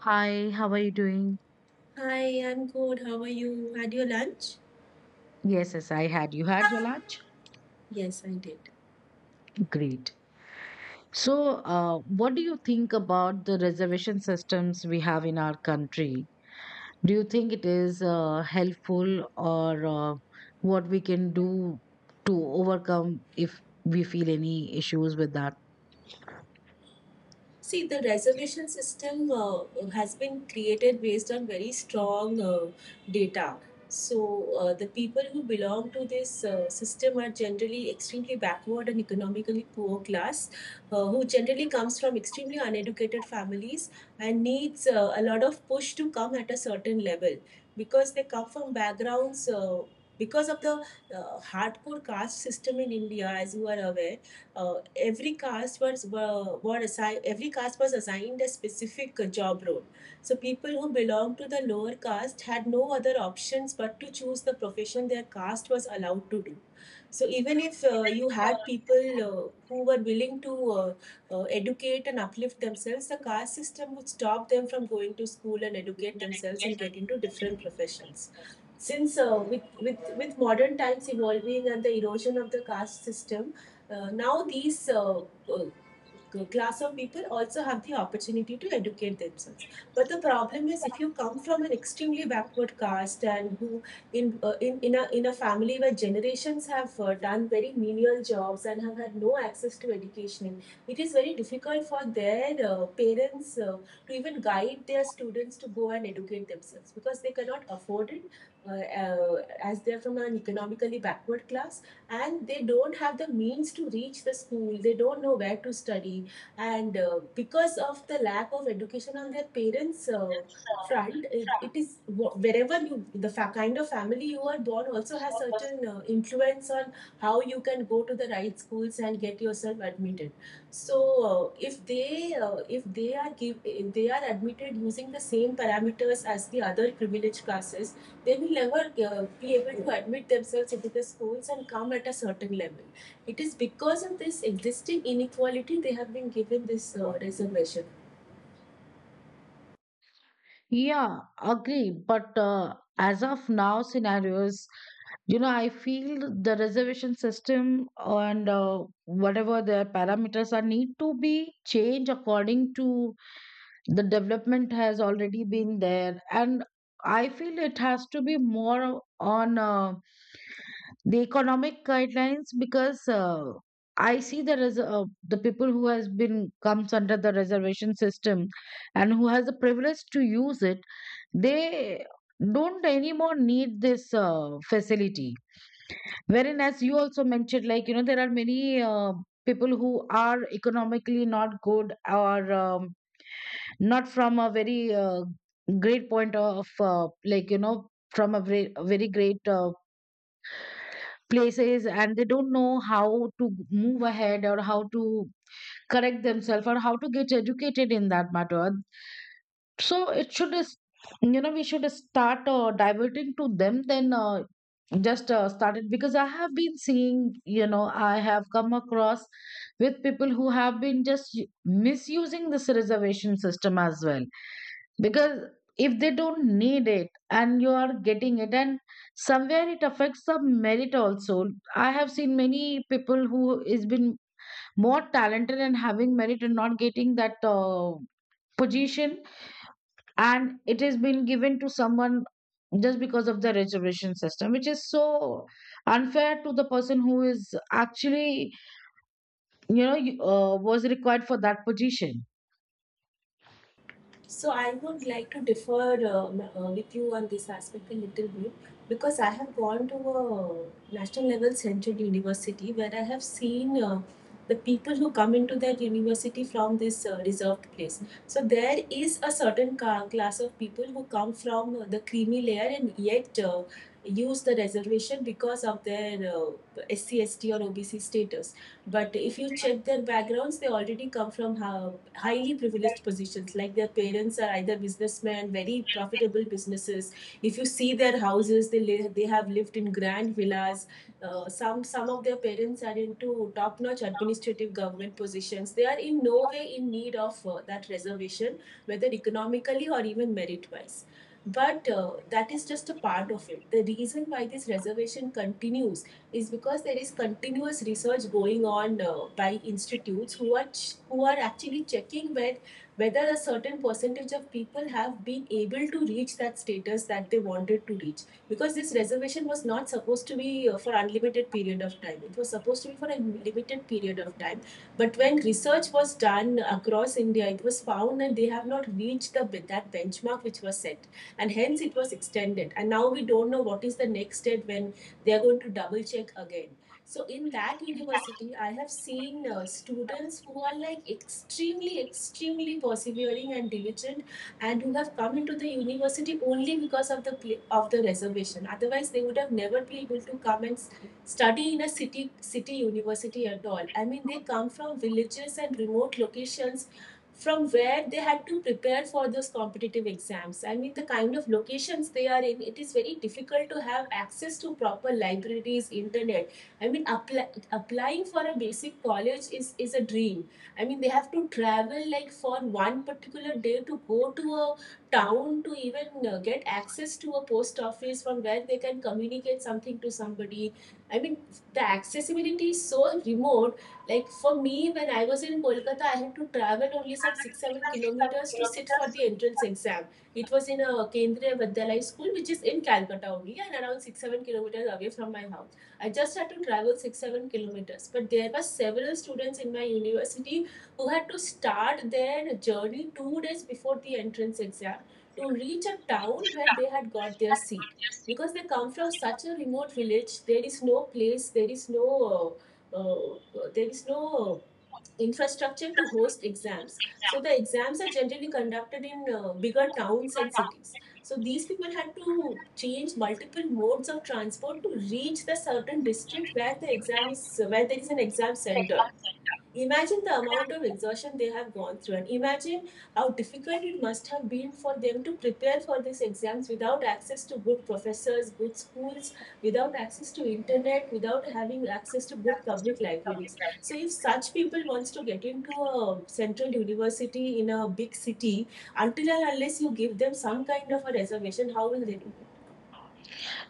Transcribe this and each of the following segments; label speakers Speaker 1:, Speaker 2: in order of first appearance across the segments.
Speaker 1: Hi, how are you doing?
Speaker 2: Hi, I'm good. How are you? Had your lunch?
Speaker 1: Yes, yes, I had. You had your lunch?
Speaker 2: Yes, I did.
Speaker 1: Great. So, what do you think about the reservation systems we have in our country? Do you think it is helpful or what we can do to overcome if we feel any issues with that?
Speaker 2: See, the reservation system has been created based on very strong data. So, the people who belong to this system are generally extremely backward and economically poor class, who generally comes from extremely uneducated families and needs a lot of push to come at a certain level because they come from backgrounds. Because of the hardcore caste system in India, as you are aware, every caste was assigned a specific job role. So people who belonged to the lower caste had no other options but to choose the profession their caste was allowed to do. So even if you had people who were willing to educate and uplift themselves, the caste system would stop them from going to school and educate themselves and get into different professions. Since with, with modern times evolving and the erosion of the caste system, now these uh, class of people also have the opportunity to educate themselves. But the problem is, if you come from an extremely backward caste and who in a family where generations have done very menial jobs and have had no access to education, it is very difficult for their parents to even guide their students to go and educate themselves because they cannot afford it, as they're from an economically backward class, and they don't have the means to reach the school, they don't know where to study. And because of the lack of education on their parents' front, it is, wherever you kind of family you are born also has certain influence on how you can go to the right schools and get yourself admitted. So if they are give if they are admitted using the same parameters as the other privileged classes, they will never be able to admit themselves into the schools and come at a certain level. It is because of this existing inequality they have been given this reservation.
Speaker 1: Yeah, agree. But as of now, scenarios, I feel the reservation system and whatever their parameters are need to be changed according to the development has already been there. And I feel it has to be more on the economic guidelines, because I see the res- the people who has been comes under the reservation system, and who has the privilege to use it, they don't anymore need this facility. Wherein, as you also mentioned, there are many people who are economically not good, or not from a very great point of like you know from a very, very great places, and they don't know how to move ahead, or how to correct themselves, or how to get educated in that matter. So it should is, we should start diverting to them, then just started, because I have been seeing, I have come across with people who have been just misusing this reservation system as well. Because if they don't need it and you are getting it, and somewhere it affects the merit also. I have seen many people who is been more talented and having merit and not getting that position, and it has been given to someone just because of the reservation system, which is so unfair to the person who is actually, was required for that position.
Speaker 2: So I would like to differ with you on this aspect a little bit, because I have gone to a national level central university where I have seen the people who come into that university from this reserved place. So there is a certain class of people who come from the creamy layer and yet use the reservation because of their SC, ST or OBC status. But if you check their backgrounds, they already come from highly privileged positions. Like, their parents are either businessmen, very profitable businesses. If you see their houses, they they have lived in grand villas. Some of their parents are into top-notch administrative government positions. They are in no way in need of that reservation, whether economically or even merit-wise. But that is just a part of it. The reason why this reservation continues is because there is continuous research going on by institutes who are who are actually checking with whether a certain percentage of people have been able to reach that status that they wanted to reach, because this reservation was not supposed to be for unlimited period of time, it was supposed to be for a limited period of time. But when research was done across India, it was found that they have not reached the that benchmark which was set, and hence it was extended, and now we don't know what is the next step, when they're going to double check again. So in that university, I have seen students who are like extremely extremely persevering and diligent, and who have come into the university only because of the reservation. Otherwise they would have never been able to come and study in a city university at all. I mean, they come from villages and remote locations from where they had to prepare for those competitive exams. I mean, the kind of locations they are in, it is very difficult to have access to proper libraries, internet. I mean, applying for a basic college is a dream. I mean, they have to travel like for one particular day to go to a town to even get access to a post office from where they can communicate something to somebody. I mean, the accessibility is so remote. Like, for me, when I was in Kolkata, I had to travel only some six, 7 kilometers to sit for the entrance exam. It was in a Kendriya Vidyalaya school, which is in Calcutta only, and around six, 7 kilometers away from my house. I just had to travel six, 7 kilometers. But there were several students in my university who had to start their journey 2 days before the entrance exam to reach a town where they had got their seat, because they come from such a remote village. There is no place, uh, there is no infrastructure to host exams. So the exams are generally conducted in bigger towns and cities. So these people had to change multiple modes of transport to reach the certain district where the exam is where there is an exam center. Imagine the amount of exhaustion they have gone through, and imagine how difficult it must have been for them to prepare for these exams without access to good professors, good schools, without access to internet, without having access to good public libraries. So, if such people wants to get into a central university in a big city, until and unless you give them some kind of a reservation, how will they do it?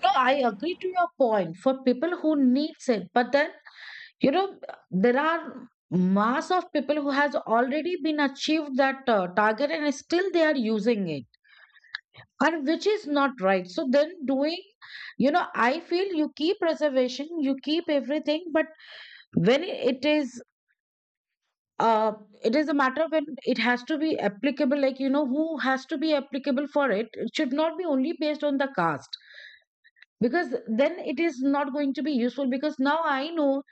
Speaker 1: No, I agree to your point for people who needs it, but then, you know there are mass of people who has already been achieved that target and still they are using it, and which is not right. So then, doing, I feel, you keep reservation, you keep everything, but when uh it is a matter, when it has to be applicable, who has to be applicable for it, it should not be only based on the caste. Because then it is not going to be useful, because now I know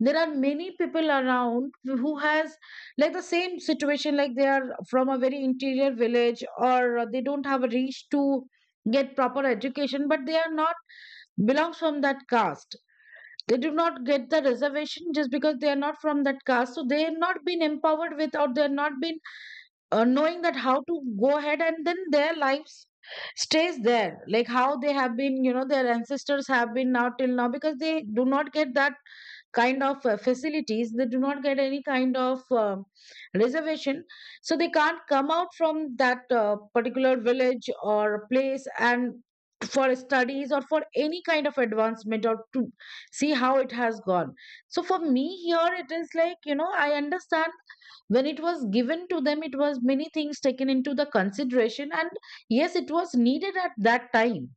Speaker 1: there are many people around who has, like, the same situation. Like they are from a very interior village, or they don't have a reach to get proper education, but they are not belongs from that caste. They do not get the reservation just because they are not from that caste. So they have not been empowered with, or they are not been knowing that how to go ahead, and then their lives stays there, like how they have been, their ancestors have been, now till now, because they do not get that kind of facilities, they do not get any kind of reservation. So they can't come out from that particular village or place, and for studies, or for any kind of advancement, or to see how it has gone. So for me here, it is like, I understand. When it was given to them, it was many things taken into the consideration, and yes, it was needed at that time.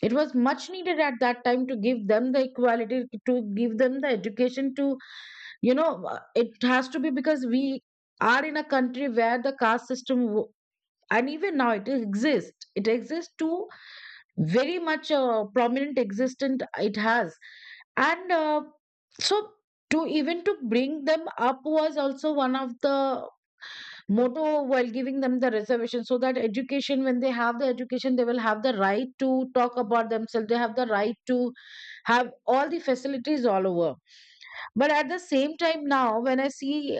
Speaker 1: It was much needed at that time, to give them the equality, to give them the education, to it has to be, because we are in a country where the caste system and even now it exists, it exists to very much prominent existent, it has. And so, to even to bring them up was also one of the motto while giving them the reservation, so that education, when they have the education, they will have the right to talk about themselves, they have the right to have all the facilities all over. But at the same time, now when I see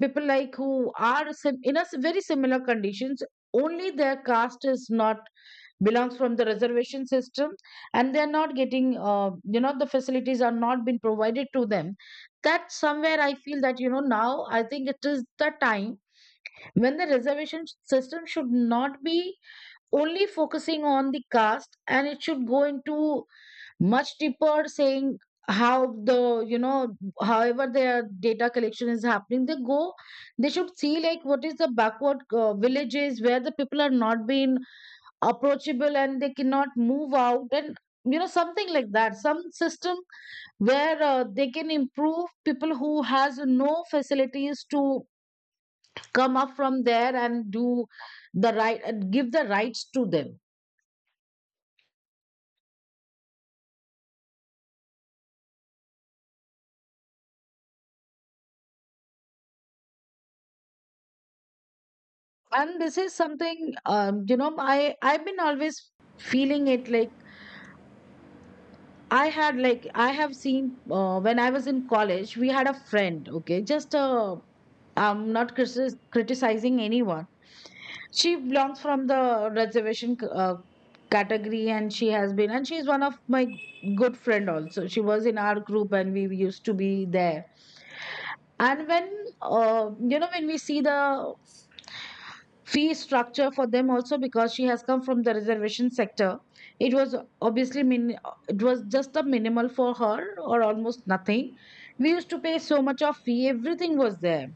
Speaker 1: people like who are very similar conditions, only their caste is not belongs from the reservation system, and they're not getting the facilities are not been provided to them, that somewhere I feel that, now I think it is the time when the reservation system should not be only focusing on the caste, and it should go into much deeper, saying how the you know however their data collection is happening, they go they should see, like, what is the backward villages where the people are not being approachable and they cannot move out, and something like that, some system where they can improve people who has no facilities to come up from there, and do the right, and give the rights to them. And this is something, I've been always feeling it, like, I had like I have seen, when I was in college, we had a friend. Okay, just I'm not criticizing anyone. She belongs from the reservation category, and she has been and she's one of my good friend also. She was in our group and we used to be there. And when you know when we see the fee structure for them also, because she has come from the reservation sector, it was obviously it was just a minimal for her, or almost nothing. We used to pay so much of fee, everything was there.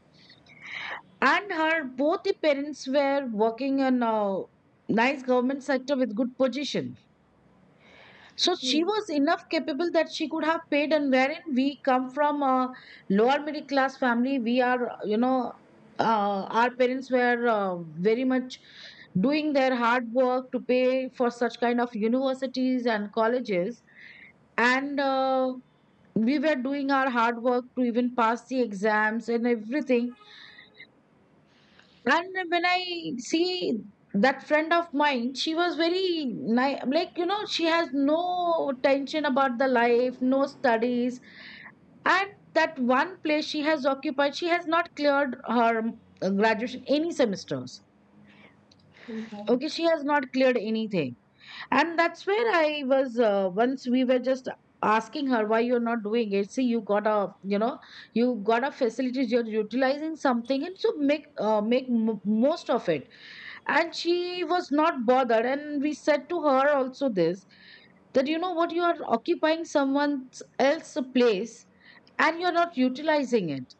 Speaker 1: And her both the parents were working in a nice government sector with good position, so
Speaker 2: Hmm.
Speaker 1: she was enough capable that she could have paid. And wherein we come from a lower middle class family, we are, you know, our parents were very much doing their hard work to pay for such kind of universities and colleges. And we were doing our hard work to even pass the exams and everything. And when I see that friend of mine, she was very nice. Like, she has no tension about the life, no studies. And that one place she has occupied, she has not cleared her graduation, any semesters.
Speaker 2: Oh God.
Speaker 1: Okay, she has not cleared anything. And that's where I was, once we were just asking her, why you're not doing it? See, you got a facilities, you're utilizing something, and so make most of it. And she was not bothered, and we said to her also this, that you know what, you are occupying someone else's place, and you're not utilizing it,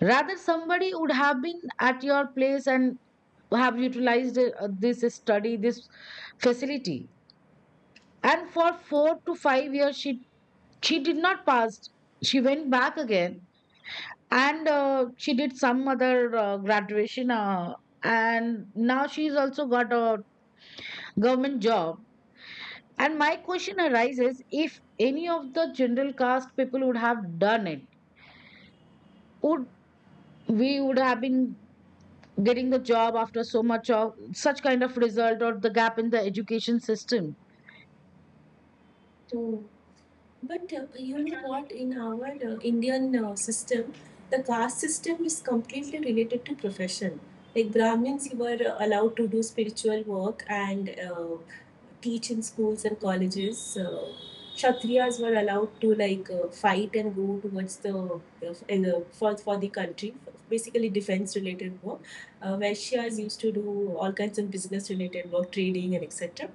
Speaker 1: rather somebody would have been at your place and have utilized this study, this facility. And for 4 to 5 years, she did not pass. She went back again, and she did some other graduation, and now she's also got a government job. And my question arises, if any of the general caste people would have done it, would we would have been getting the job after so much of such kind of result, or the gap in the education system?
Speaker 2: Hmm. But you know what? In our Indian system, the caste system is completely related to profession. Like Brahmins, you were allowed to do spiritual work and teach in schools and colleges. Kshatriyas were allowed to like fight and go towards the for the country, basically defense related work. Vaishyas used to do all kinds of business related work, trading and etc.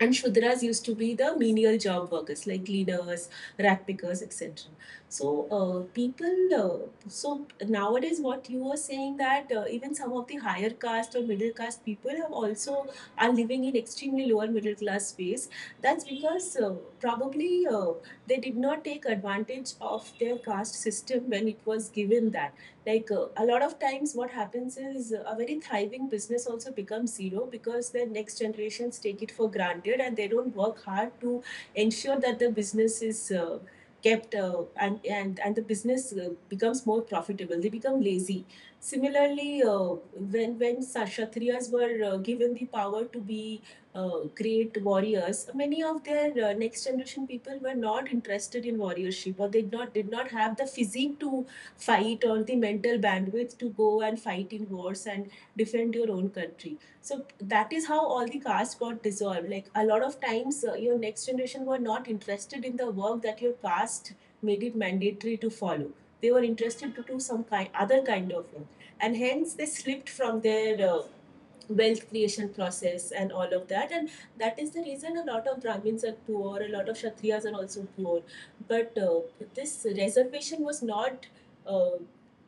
Speaker 2: And shudras used to be the menial job workers like cleaners, rat pickers, etc. So people so nowadays, what you were saying, that even some of the higher caste or middle caste people have also are living in extremely lower middle class space, that's because probably they did not take advantage of their caste system when it was given. That, like, a lot of times what happens is, a very thriving business also becomes zero, because the next generations take it for granted and they don't work hard to ensure that the business is kept and the business becomes more profitable. They become lazy. Similarly, when kshatriyas were given the power to be great warriors, many of their next generation people were not interested in warriorship, or they did not have the physique to fight, or the mental bandwidth to go and fight in wars and defend your own country. So that is how all the caste got dissolved. Like, a lot of times, your next generation were not interested in the work that your caste made it mandatory to follow. They were interested to do some kind other kind of work, and hence they slipped from their wealth creation process and all of that. And that is the reason a lot of Brahmins are poor, a lot of Kshatriyas are also poor. But this reservation was not uh,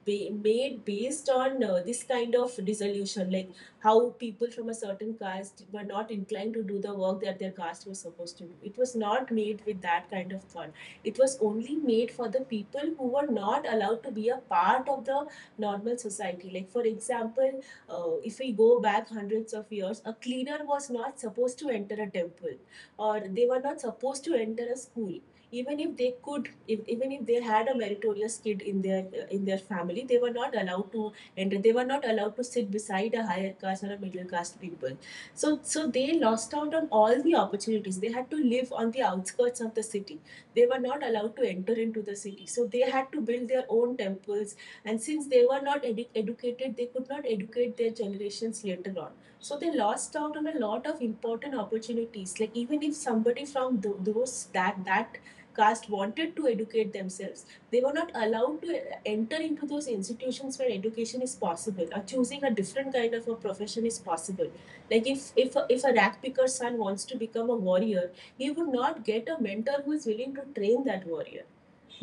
Speaker 2: made based on this kind of dissolution, like how people from a certain caste were not inclined to do the work that their caste was supposed to do. It was not made with that kind of thought. It was only made for the people who were not allowed to be a part of the normal society. Like for example, if we go back hundreds of years, a cleaner was not supposed to enter a temple, or they were not supposed to enter a school. Even if they could, if, even if they had a meritorious kid in their family, they were not allowed to enter. They were not allowed to sit beside a higher caste or a middle caste people. So they lost out on all the opportunities. They had to live on the outskirts of the city. They were not allowed to enter into the city. So they had to build their own temples, and since they were not educated, they could not educate their generations later on. So they lost out on a lot of important opportunities. Like, even if somebody from th- those that that caste wanted to educate themselves, they were not allowed to enter into those institutions where education is possible, or choosing a different kind of a profession is possible. Like, if a rat picker's son wants to become a warrior, he would not get a mentor who is willing to train that warrior.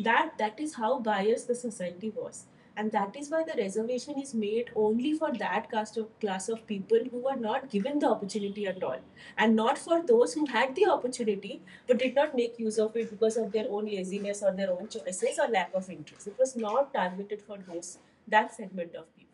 Speaker 2: That is how biased the society was, and that is why the reservation is made only for that cast of class of people who were not given the opportunity at all, and not for those who had the opportunity but did not make use of it because of their own laziness or their own choices or lack of interest. It was not targeted for those, that segment of people.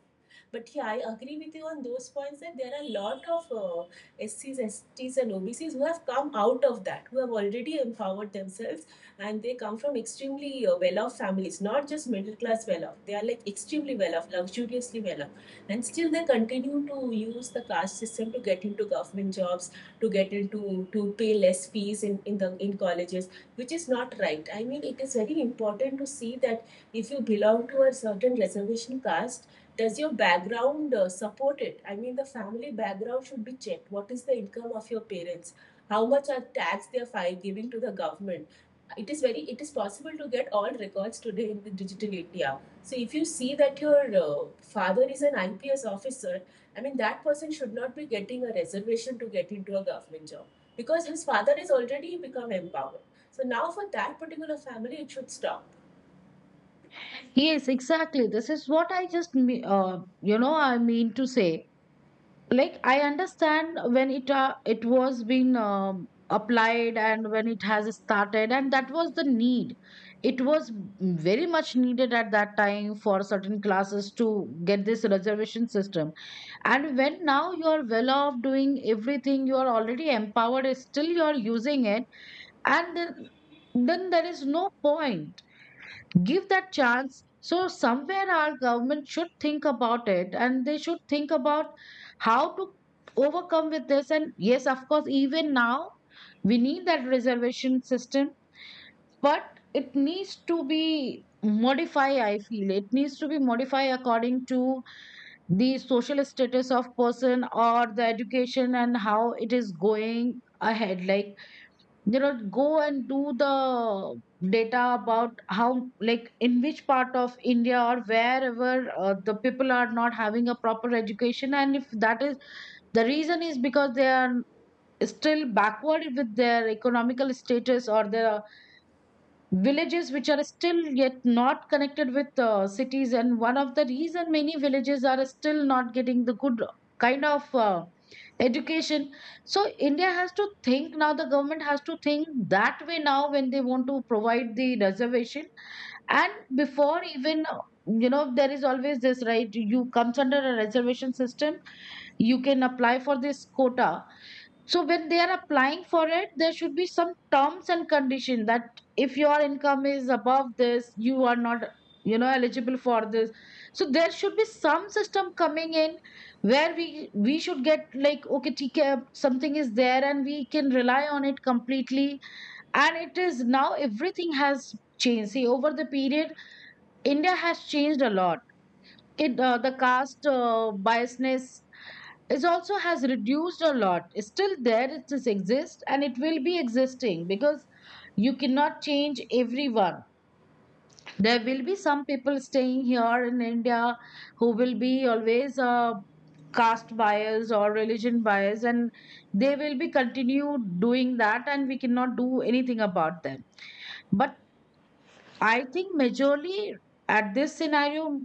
Speaker 2: But yeah, I agree with you on those points that there are a lot of SCs, STs, and OBCs who have come out of that, who have already empowered themselves, and they come from extremely well off families, not just middle class well off. They are like extremely well off, luxuriously well off. And still they continue to use the caste system to get into government jobs, to get into, to pay less fees in colleges, which is not right. I mean, it is very important to see that if you belong to a certain reservation caste, does your background support it? I mean, the family background should be checked. What is the income of your parents? How much are tax they are giving to the government? It is very, it is possible to get all records today in the digital India. So if you see that your father is an IPS officer, I mean, that person should not be getting a reservation to get into a government job because his father is already become empowered. So now for that particular family it should stop.
Speaker 1: Yes, exactly. This is what I just me- you know I mean to say. Like, I understand, when it was being applied, and when it has started, and that was the need. It was very much needed at that time for certain classes to get this reservation system. And when now you are well off, doing everything, you are already empowered, still you are using it. And then there is no point, give that chance. So somewhere our government should think about it, and they should think about how to overcome with this. And yes, of course, even now we need that reservation system, but it needs to be modified, I feel. It needs to be modified according to the social status of person, or the education, and how it is going ahead. Like, you know go and do the data about how, like, in which part of India, or wherever the people are not having a proper education. And if that is the reason, is because they are still backward with their economical status, or their villages which are still yet not connected with cities, and one of the reason many villages are still not getting the good kind of education. So India has to think now, the government has to think that way now, when they want to provide the reservation. And before even, there is always this right, you comes under a reservation system, you can apply for this quota. So when they are applying for it, there should be some terms and condition, that if your income is above this, you are not, eligible for this. So there should be some system coming in where we should get like, okay, ठीक है, something is there and we can rely on it completely. And it is now everything has changed. See, over the period, India has changed a lot. It The caste biasness is also has reduced a lot. It's still there, it just exists and it will be existing because you cannot change everyone. There will be some people staying here in India who will be always caste bias or religion bias, and they will be continue doing that and we cannot do anything about them. But I think majorly at this scenario,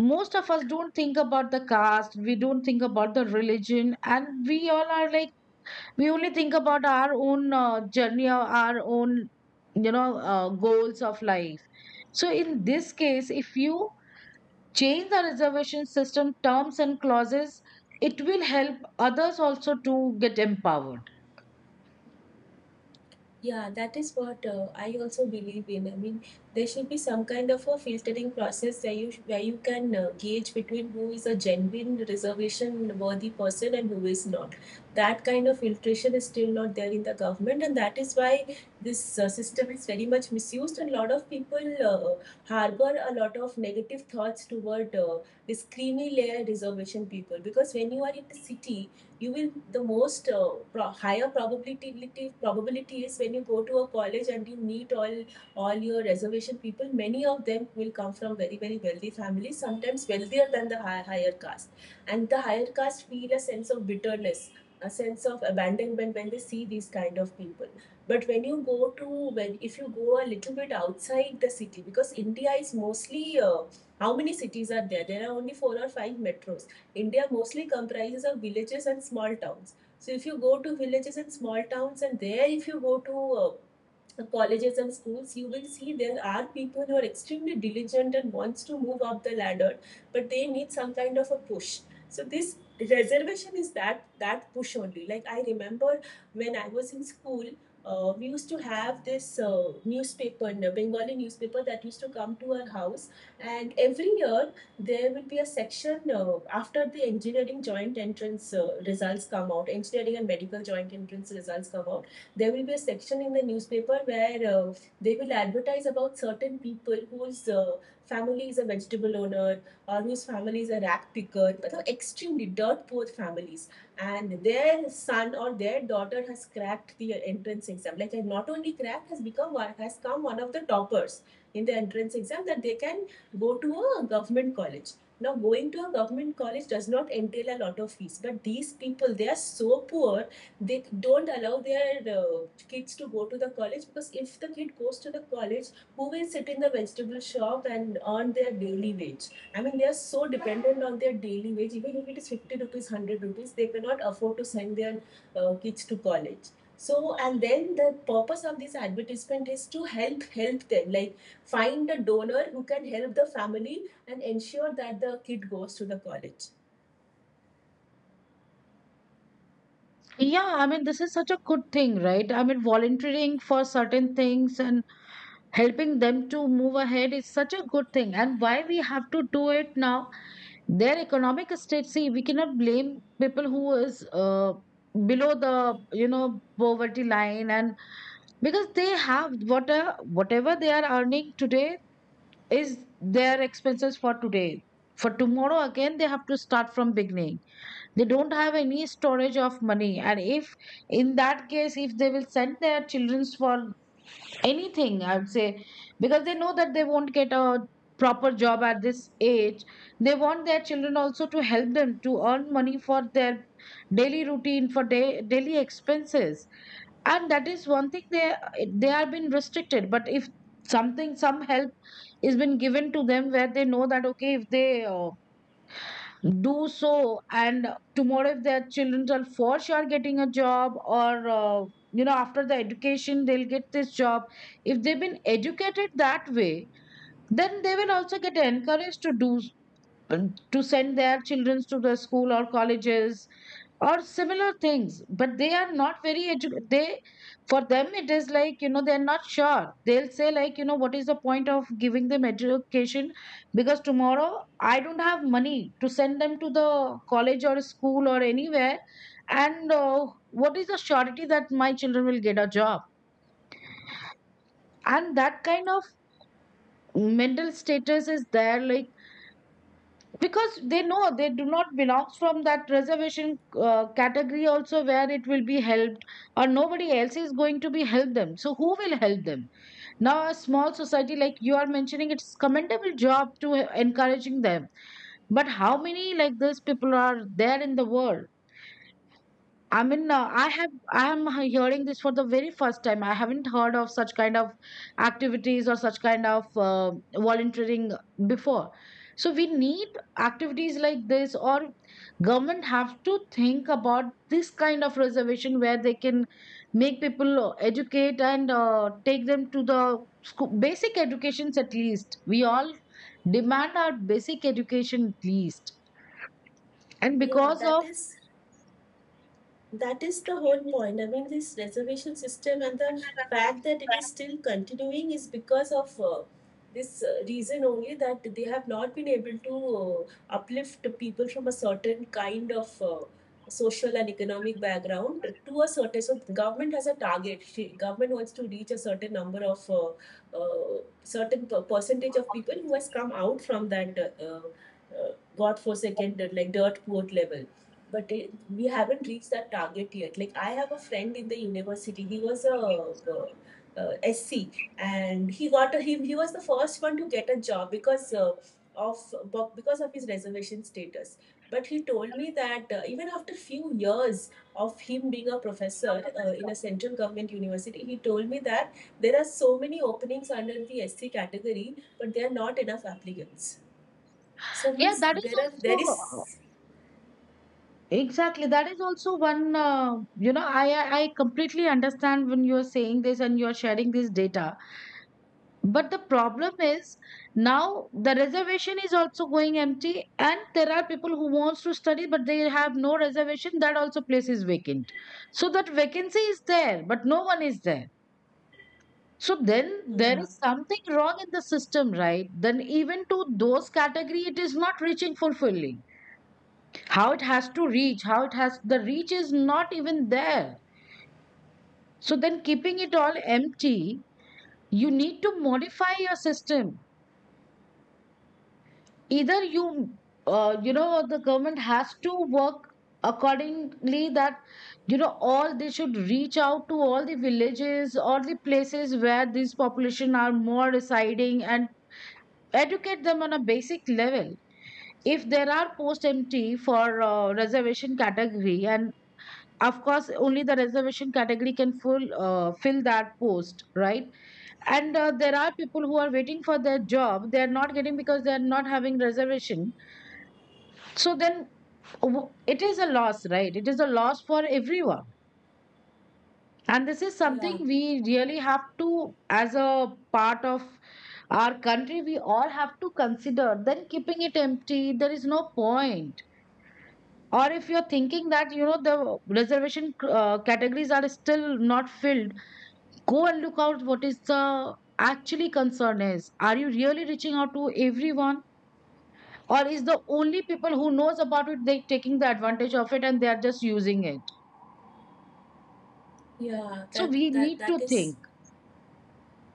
Speaker 1: most of us don't think about the caste, we don't think about the religion, and we all are like we only think about our own journey or our own goals of life. So in this case, if you change the reservation system terms and clauses, it will help others also to get empowered.
Speaker 2: Yeah, that is what I also believe in. I mean, there should be some kind of a filtering process where you can gauge between who is a genuine reservation worthy person and who is not. That kind of filtration is still not there in the government, and that is why this system is very much misused. And a lot of people harbor a lot of negative thoughts toward this creamy layer reservation people. Because when you are in the city, you will the most higher probability is when you go to a college and you meet all your reservation people. Many of them will come from very very wealthy families, sometimes wealthier than the higher caste, and the higher caste feel a sense of bitterness, a sense of abandonment when they see these kind of people. But when you go to, when if you go a little bit outside the city, because India is mostly how many cities are there? There are only four or five metros. India mostly comprises of villages and small towns. So if you go to villages and small towns, and there if you go to colleges and schools, you will see there are people who are extremely diligent and wants to move up the ladder, but they need some kind of a push. So this reservation is that push only. Like, I remember when I was in school, we used to have this newspaper, Bengali newspaper, that used to come to our house, and every year there will be a section after the engineering joint entrance results come out, engineering and medical joint entrance results come out, there will be a section in the newspaper where they will advertise about certain people whose family is a vegetable owner, or whose family is a rag picker, so extremely dirt poor families, and their son or their daughter has cracked the entrance exam. Like, not only cracked, has become one has come one of the toppers in the entrance exam, that they can go to a government college. Now, going to a government college does not entail a lot of fees, but these people, they are so poor, they don't allow their kids to go to the college, because if the kid goes to the college, who will sit in the vegetable shop and earn their daily wage? I mean, they are so dependent on their daily wage. Even if it is 50 rupees, 100 rupees, they cannot afford to send their kids to college. So, and then the purpose of this advertisement is to help them, like, find a donor who can help the family and ensure that the kid goes to the college.
Speaker 1: Yeah, I mean, this is such a good thing, right? I mean, volunteering for certain things and helping them to move ahead is such a good thing. And why we have to do it now, their economic state, see, we cannot blame people who is below the, you know, poverty line, and because they have what, whatever they are earning today is their expenses for today. For tomorrow, again they have to start from beginning. They don't have any storage of money, and if in that case, if they will send their children for anything, I would say, because they know that they won't get a proper job at this age, they want their children also to help them to earn money for their daily routine, for daily expenses. And that is one thing, they are being restricted. But if something, some help is been given to them where they know that okay, if they do so, and tomorrow if their children are for sure getting a job, or you know, after the education they'll get this job, if they've been educated that way, then they will also get encouraged to do, to send their children to the school or colleges or similar things. But they are not very edu- they for them, it is like, you know, they're not sure. They'll say like, you know, what is the point of giving them education? Because tomorrow, I don't have money to send them to the college or school or anywhere. And what is the surety that my children will get a job? And that kind of mental status is there, like because they know they do not belong from that reservation category also where it will be helped, or nobody else is going to be help them. So who will help them? Now, a small society like you are mentioning, it's commendable job to encouraging them. But how many like this people are there in the world? I mean, I have, I am hearing this for the very first time. I haven't heard of such kind of activities or such kind of volunteering before. So we need activities like this, or government have to think about this kind of reservation where they can make people educate and take them to the school, basic educations at least. We all demand our basic education at least, and
Speaker 2: yeah
Speaker 1: because
Speaker 2: that
Speaker 1: of,
Speaker 2: is That is the whole point. I mean, this reservation system and the fact that it is still continuing is because of this reason only, that they have not been able to uplift people from a certain kind of social and economic background to a certain. So, the government has a target. Government wants to reach a certain number of percentage of people who has come out from that godforsaken, like dirt poor level. But it, we haven't reached that target yet. Like, I have a friend in the university. He was a uh, SC, and he got a, he was the first one to get a job because because of his reservation status. But he told me that even after few years of him being a professor in a central government university, he told me that there are so many openings under the SC category, but there are not enough applicants. So
Speaker 1: yeah,
Speaker 2: means
Speaker 1: that is
Speaker 2: there
Speaker 1: also,
Speaker 2: is,
Speaker 1: exactly. That is also one, you know, I completely understand when you're saying this and you're sharing this data. But the problem is now the reservation is also going empty, and there are people who wants to study, but they have no reservation. That also place is vacant. So that vacancy is there, but no one is there. So then there
Speaker 2: yeah,
Speaker 1: is something wrong in the system, right? Then even to those category, it is not reaching, fulfilling how it has to reach, how it has the reach is not even there. So then keeping it all empty, you need to modify your system. Either you, you know, the government has to work accordingly that, you know, all they should reach out to all the villages or the places where these population are more residing and educate them on a basic level. If there are post empty for reservation category, and of course only the reservation category can full fill that post, right? And there are people who are waiting for their job, they are not getting because they are not having reservation. So then, it is a loss, right? It is a loss for everyone. And this is something
Speaker 2: yeah.
Speaker 1: we really have to, as a part of our country, we all have to consider. Then keeping it empty, there is no point. Or if you're thinking that, you know, the reservation categories are still not filled, go and look out what is the actually concern is. Are you really reaching out to everyone, or is the only people who knows about it, they taking the advantage of it and they are just using it?
Speaker 2: Yeah,
Speaker 1: So
Speaker 2: that
Speaker 1: we
Speaker 2: that
Speaker 1: need
Speaker 2: that
Speaker 1: to
Speaker 2: is,
Speaker 1: think.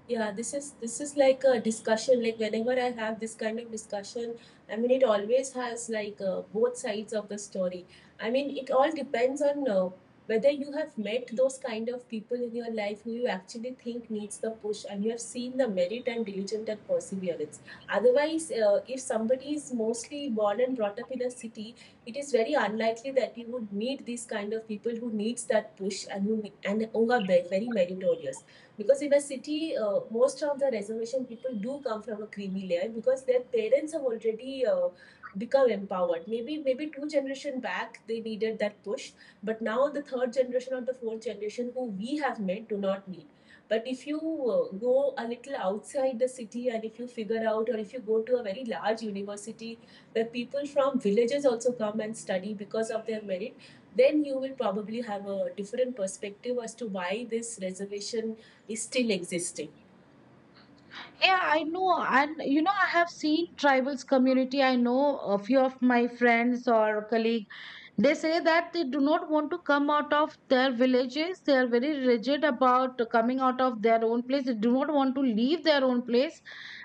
Speaker 2: yeah, this is like a discussion. Like, whenever I have this kind of discussion, I mean, it always has like both sides of the story. I mean, it all depends on whether you have met those kind of people in your life who you actually think needs the push, and you have seen the merit and diligent and perseverance. Otherwise, if somebody is mostly born and brought up in a city, it is very unlikely that you would meet these kind of people who needs that push, and who are very meritorious. Because in a city, most of the reservation people do come from a creamy layer, because their parents have already become empowered. Maybe two generation back they needed that push, but now the third generation or the fourth generation who we have met do not need. But if you go a little outside the city, and if you figure out, or if you go to a very large university where people from villages also come and study because of their merit, then you will probably have a different perspective as to why this reservation is still existing.
Speaker 1: Yeah, I know. And you know, I have seen tribals community. I know a few of my friends or colleagues. They say that they do not want to come out of their villages. They are very rigid about coming out of their own place. They do not want to leave their own place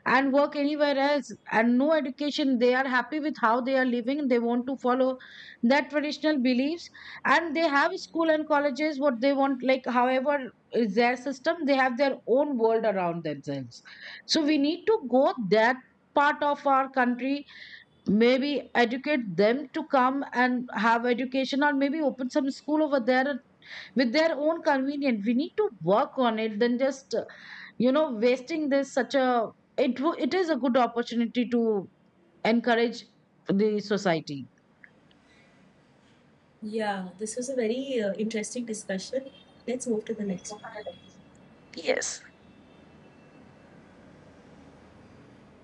Speaker 1: and work anywhere else. And no education. They are happy with how they are living. They want to follow their traditional beliefs. And they have school and colleges, what they want, like, however, is their system. They have their own world around themselves. So we need to go that part of our country, maybe educate them to come and have education, or maybe open some school over there with their own convenience. We need to work on it than just wasting this, such a, it is a good opportunity to encourage the society.
Speaker 2: Yeah, this was a very interesting discussion. Let's move to the next. One.